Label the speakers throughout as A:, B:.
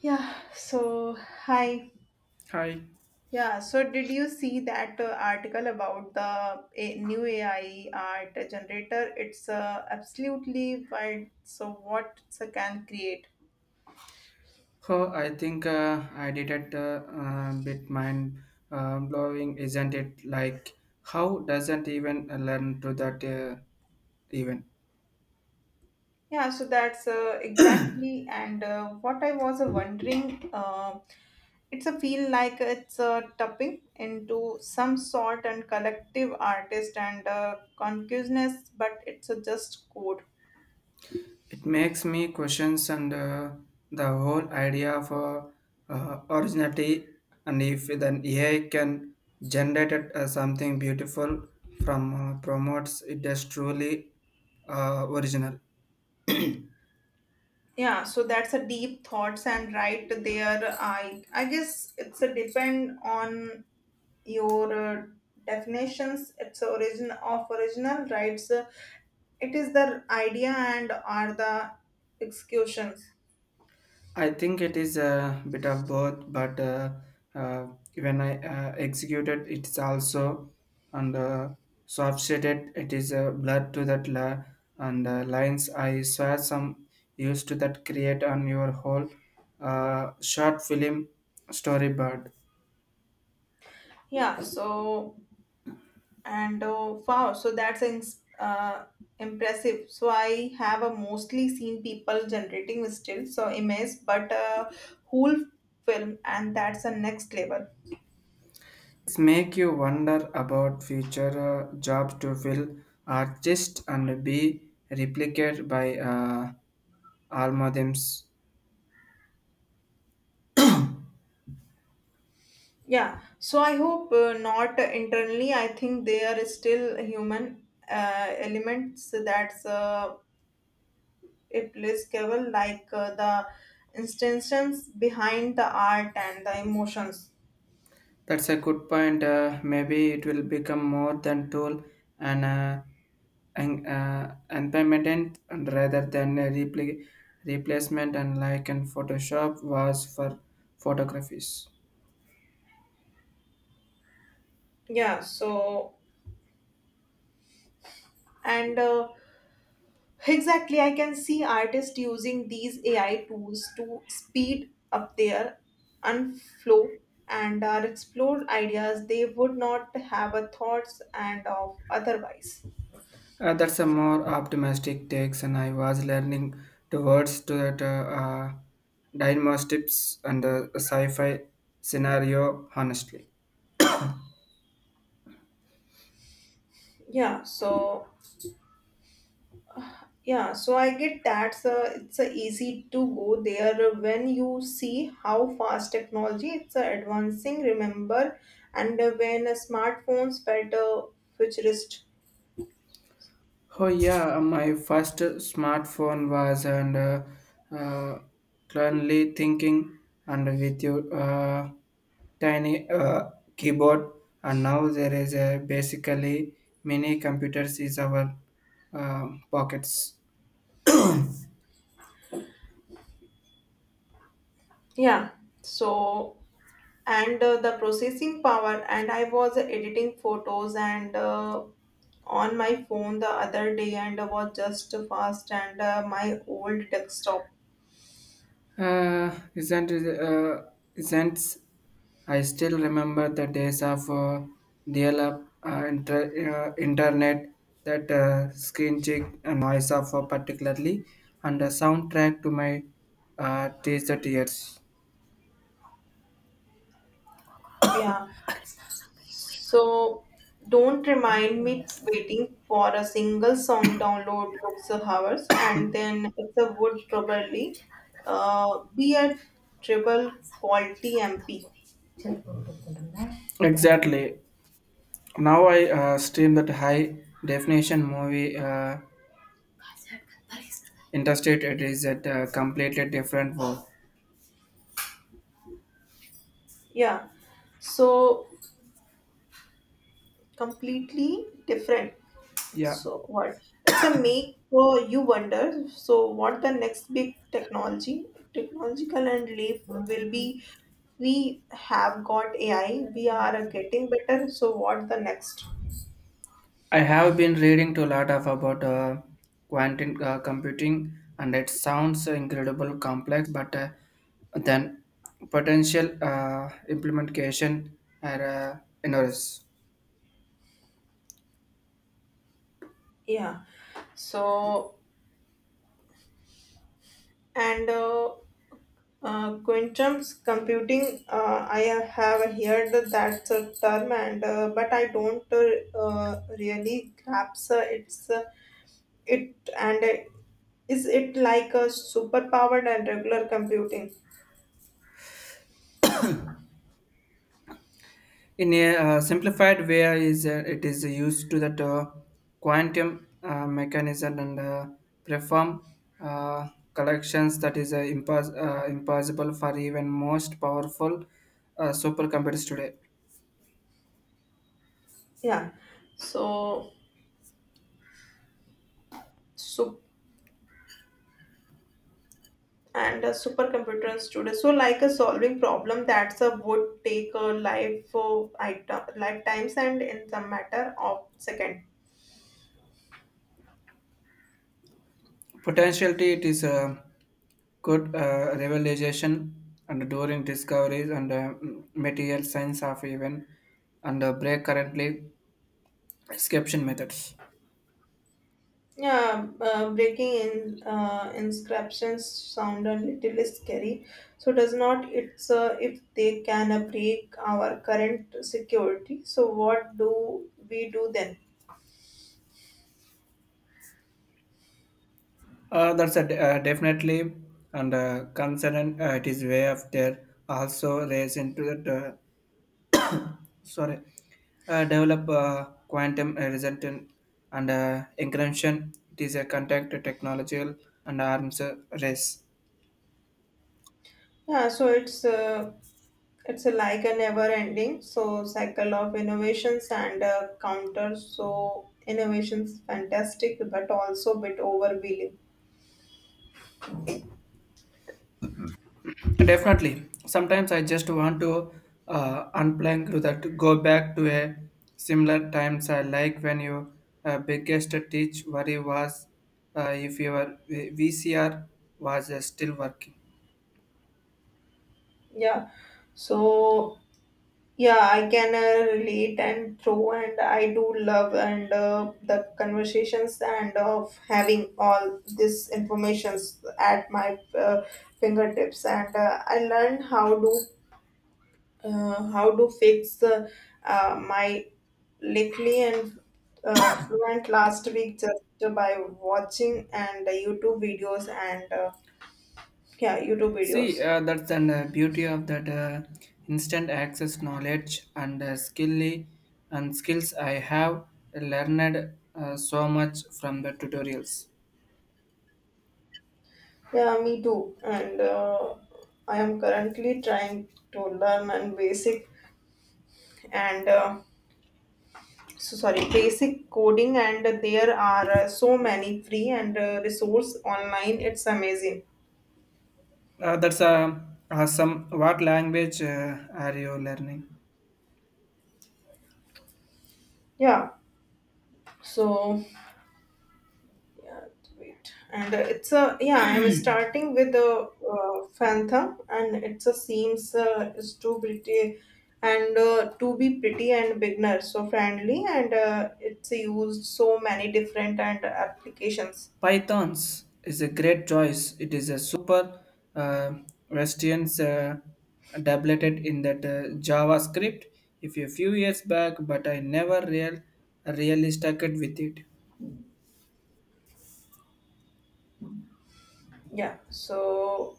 A: Yeah, so hi.
B: Hi.
A: Yeah, so did you see that article about the a new AI art generator? It's absolutely wild. So what it can create?
B: Oh, I think I did it a bit mind blowing, isn't it? Like, how doesn't even learn to that even?
A: Yeah, so that's exactly and what I was wondering. It's a feel like it's tapping into some sort and collective artist and consciousness, but it's just code.
B: It makes me questions and the whole idea for originality, and if then AI can generate it, something beautiful from promotes it is truly original.
A: Yeah, so that's a deep thoughts and right there. I guess it's a depend on your definitions. It's origin of original rights. It is the idea and are the executions.
B: I think it is a bit of both, but uh, when I executed, it's also and soft shaded. It is blood to that la- and lines. I saw some used to that create on your whole short film storyboard.
A: Yeah. So and wow. So that's impressive. So I have a mostly seen people generating still so image, but whole film and that's the next level.
B: It's make you wonder about future job to fill artist and be replicated by algorithms.
A: Yeah, so I hope not internally. I think there is still human elements that's applicable, like the instances behind the art and the emotions.
B: That's a good point. Maybe it will become more than tool and uh, and implement and rather than a replacement. And like in Photoshop was for photographies.
A: Yeah, so and exactly, I can see artists using these AI tools to speed up their unflow and are explore ideas they would not have a thoughts and of otherwise.
B: That's a more optimistic takes, and I was learning towards to that diagnostics and sci-fi scenario honestly.
A: Yeah, so yeah, so I get that so it's a easy to go there when you see how fast technology it's advancing. Remember, and when smartphones felt futurist.
B: Oh yeah, my first smartphone was and uh, clearly thinking and with your tiny keyboard, and now there is a basically mini computers is our pockets.
A: Yeah, so and the processing power, and I was editing photos and on my phone the other day, and was just fast and my old desktop.
B: Isn't it, isn't I still remember the days of dial up internet, that screen check and noise of particularly, and the soundtrack to my teaser tears.
A: Yeah. So don't remind me waiting for a single song download looks hours and then it's a would probably be a triple quality MP.
B: Exactly. Now I stream that high definition movie, Interstate, it is at a completely different world.
A: Yeah. So completely different.
B: Yeah.
A: So what? It's a make you wonder. So what the next big technological and leap will be? We have got AI. We are getting better. So what the next?
B: I have been reading to a lot of about quantum computing, and it sounds incredible complex, but then potential implementation are enormous.
A: Yeah. So, and quantum computing, I have heard that term, and but I don't really grasp its it and is it like a superpowered and regular computing?
B: In a simplified way, is it is used to that quantum mechanism and perform collections that is impossible for even most powerful supercomputers today.
A: Yeah. So, so and supercomputers today. So, like a solving problem that's a would take a life item lifetimes and in the matter of second.
B: Potentially, it is a good revelation and during discoveries and material science of even and break currently description methods.
A: Yeah, breaking in inscriptions sound a little scary. So does not it's if they can break our current security. So what do we do then?
B: That's definitely and concern. It is way of there also raise into that sorry develop quantum result and encryption. It is a contact technological and arms race.
A: Yeah, so it's it's a like a never ending so cycle of innovations and counters. So innovations fantastic, but also bit overwhelming.
B: Definitely. Sometimes I just want to unplug that, go back to a similar times. I like when you, biggest teach worry was if your VCR was still working.
A: Yeah, so yeah, I can relate and throw, and I do love and the conversations and of having all this informations at my fingertips. And I learned how to fix my likely and fluent last week just by watching and YouTube videos and yeah, YouTube
B: See,
A: videos.
B: that's the beauty of that instant access knowledge and skilly and skills I have learned so much from the tutorials.
A: Yeah, me too. And I am currently trying to learn and basic and so sorry, basic coding. And there are so many free and resource online. It's amazing.
B: That's awesome. What language are you learning?
A: Yeah. So yeah, wait. And it's a yeah. I'm starting with the Phantom, and it's a seems is too pretty, and to be pretty and beginner so friendly, and it's used so many different and applications.
B: Pythons is a great choice. It is a super uh, resistance doubleted in that JavaScript if a few years back, but I never real really stuck it with it.
A: Yeah. So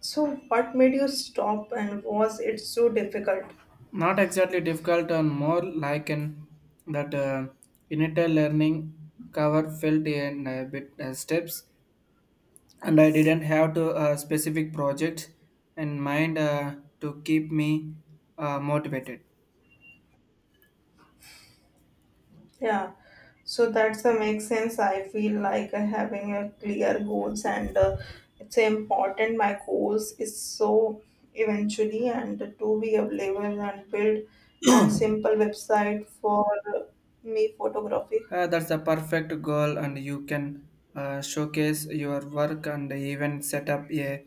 A: so what made you stop, and was it so difficult?
B: Not exactly difficult and more like an that initial learning cover felt in a bit steps, and I didn't have to a specific project in mind to keep me motivated.
A: Yeah, so that's the makes sense. I feel like having a clear goals and it's important. My goals is so eventually and to be available and build and simple website for me photography.
B: That's a perfect goal, and you can showcase your work and even set up a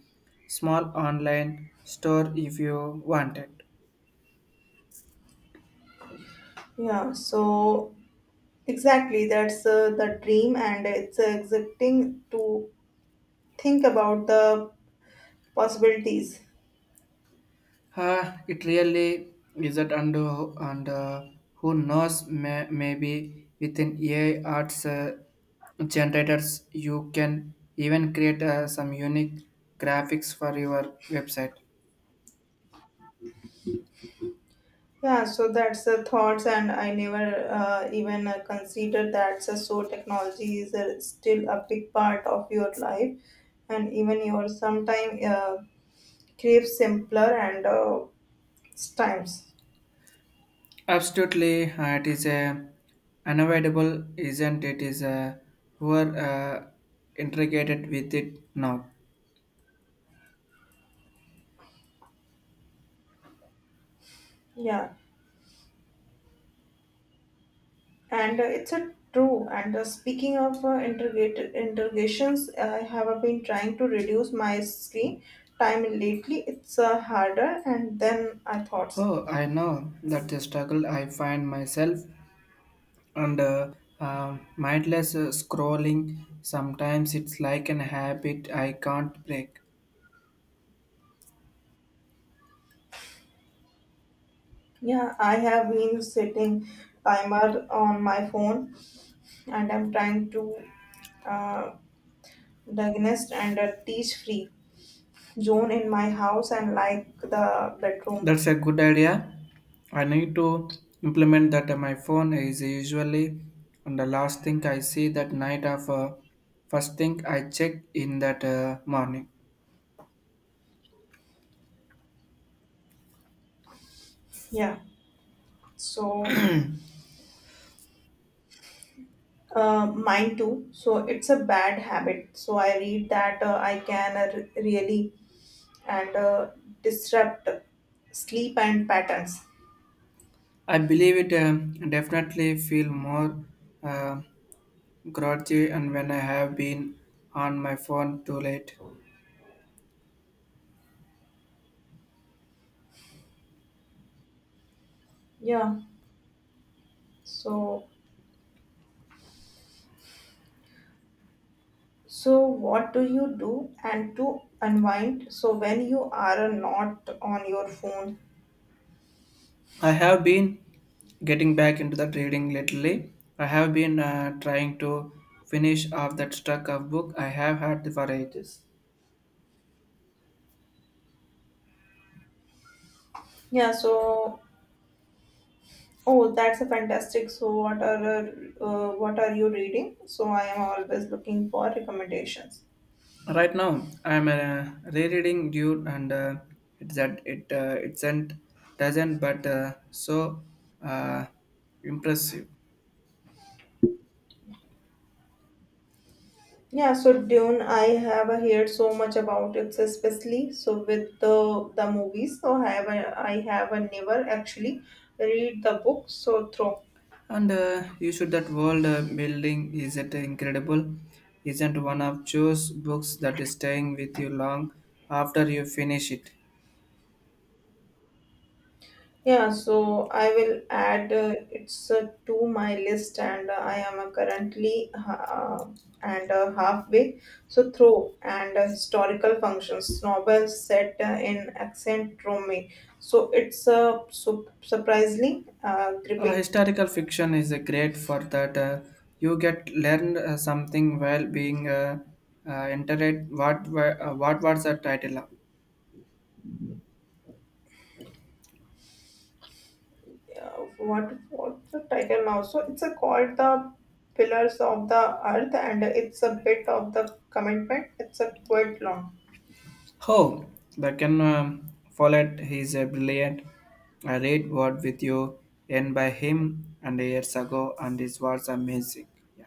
B: small online store if you wanted.
A: Yeah, so exactly that's the dream and it's exciting to think about the possibilities.
B: It really isn't, and who knows, maybe within AI arts generators, you can even create some unique graphics for your website.
A: Yeah, so that's the thoughts, and I never even considered that. So, so technology is still a big part of your life, and even your sometime crave simpler and times.
B: Absolutely, it is a unavoidable, isn't it? Is a who are integrated with it now.
A: Yeah, and it's a true. And speaking of integrated integrations, I have been trying to reduce my screen time lately. It's harder, and then I thought,
B: Oh, I know that the struggle. I find myself and mindless scrolling. Sometimes it's like an habit I can't break.
A: yeah, I have been setting timer on my phone and I'm trying to uh, diagnose and a teach-free zone in my house and like the bedroom.
B: That's a good idea. I need to implement that. My phone is usually on the last thing I see that night of first thing I check in that morning.
A: Yeah, so mine too. So it's a bad habit. So I read that I can really and disrupt sleep and patterns.
B: I believe it definitely feel more uh, grouchy and when I have been on my phone too late.
A: Yeah. So so what do you do and to unwind? So when you are not on your phone.
B: I have been getting back into the reading lately. I have been trying to finish off that stack of book I have had for ages.
A: Yeah. So oh, that's a fantastic. So, what are you reading? So, I am always looking for recommendations.
B: Right now, I'm rereading Dune, and it's that it it doesn't but so uh, impressive.
A: Yeah, so Dune, I have heard so much about it, especially so with the movies. So, I have never actually read the book so through.
B: And You should that world building isn't incredible, isn't one of Joe's books that is staying with you long after you finish it.
A: Yeah, so I will add it's to my list, and I am currently and halfway. So through and historical functions, novel set in accent Rome. So it's surprisingly gripping.
B: Historical fiction is great for that. You get learned something while being entertained. What was the title of?
A: Uh, what what's the title now? So it's called the Pillars of the Earth, and it's a bit of the commitment. It's a quite long.
B: Oh, the Ken Follett. He's a brilliant. I read Word with You, and by him, and years ago, and this was amazing. Yeah.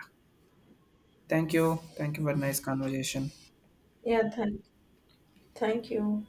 B: Thank you. Thank you for nice conversation.
A: Yeah, thank you.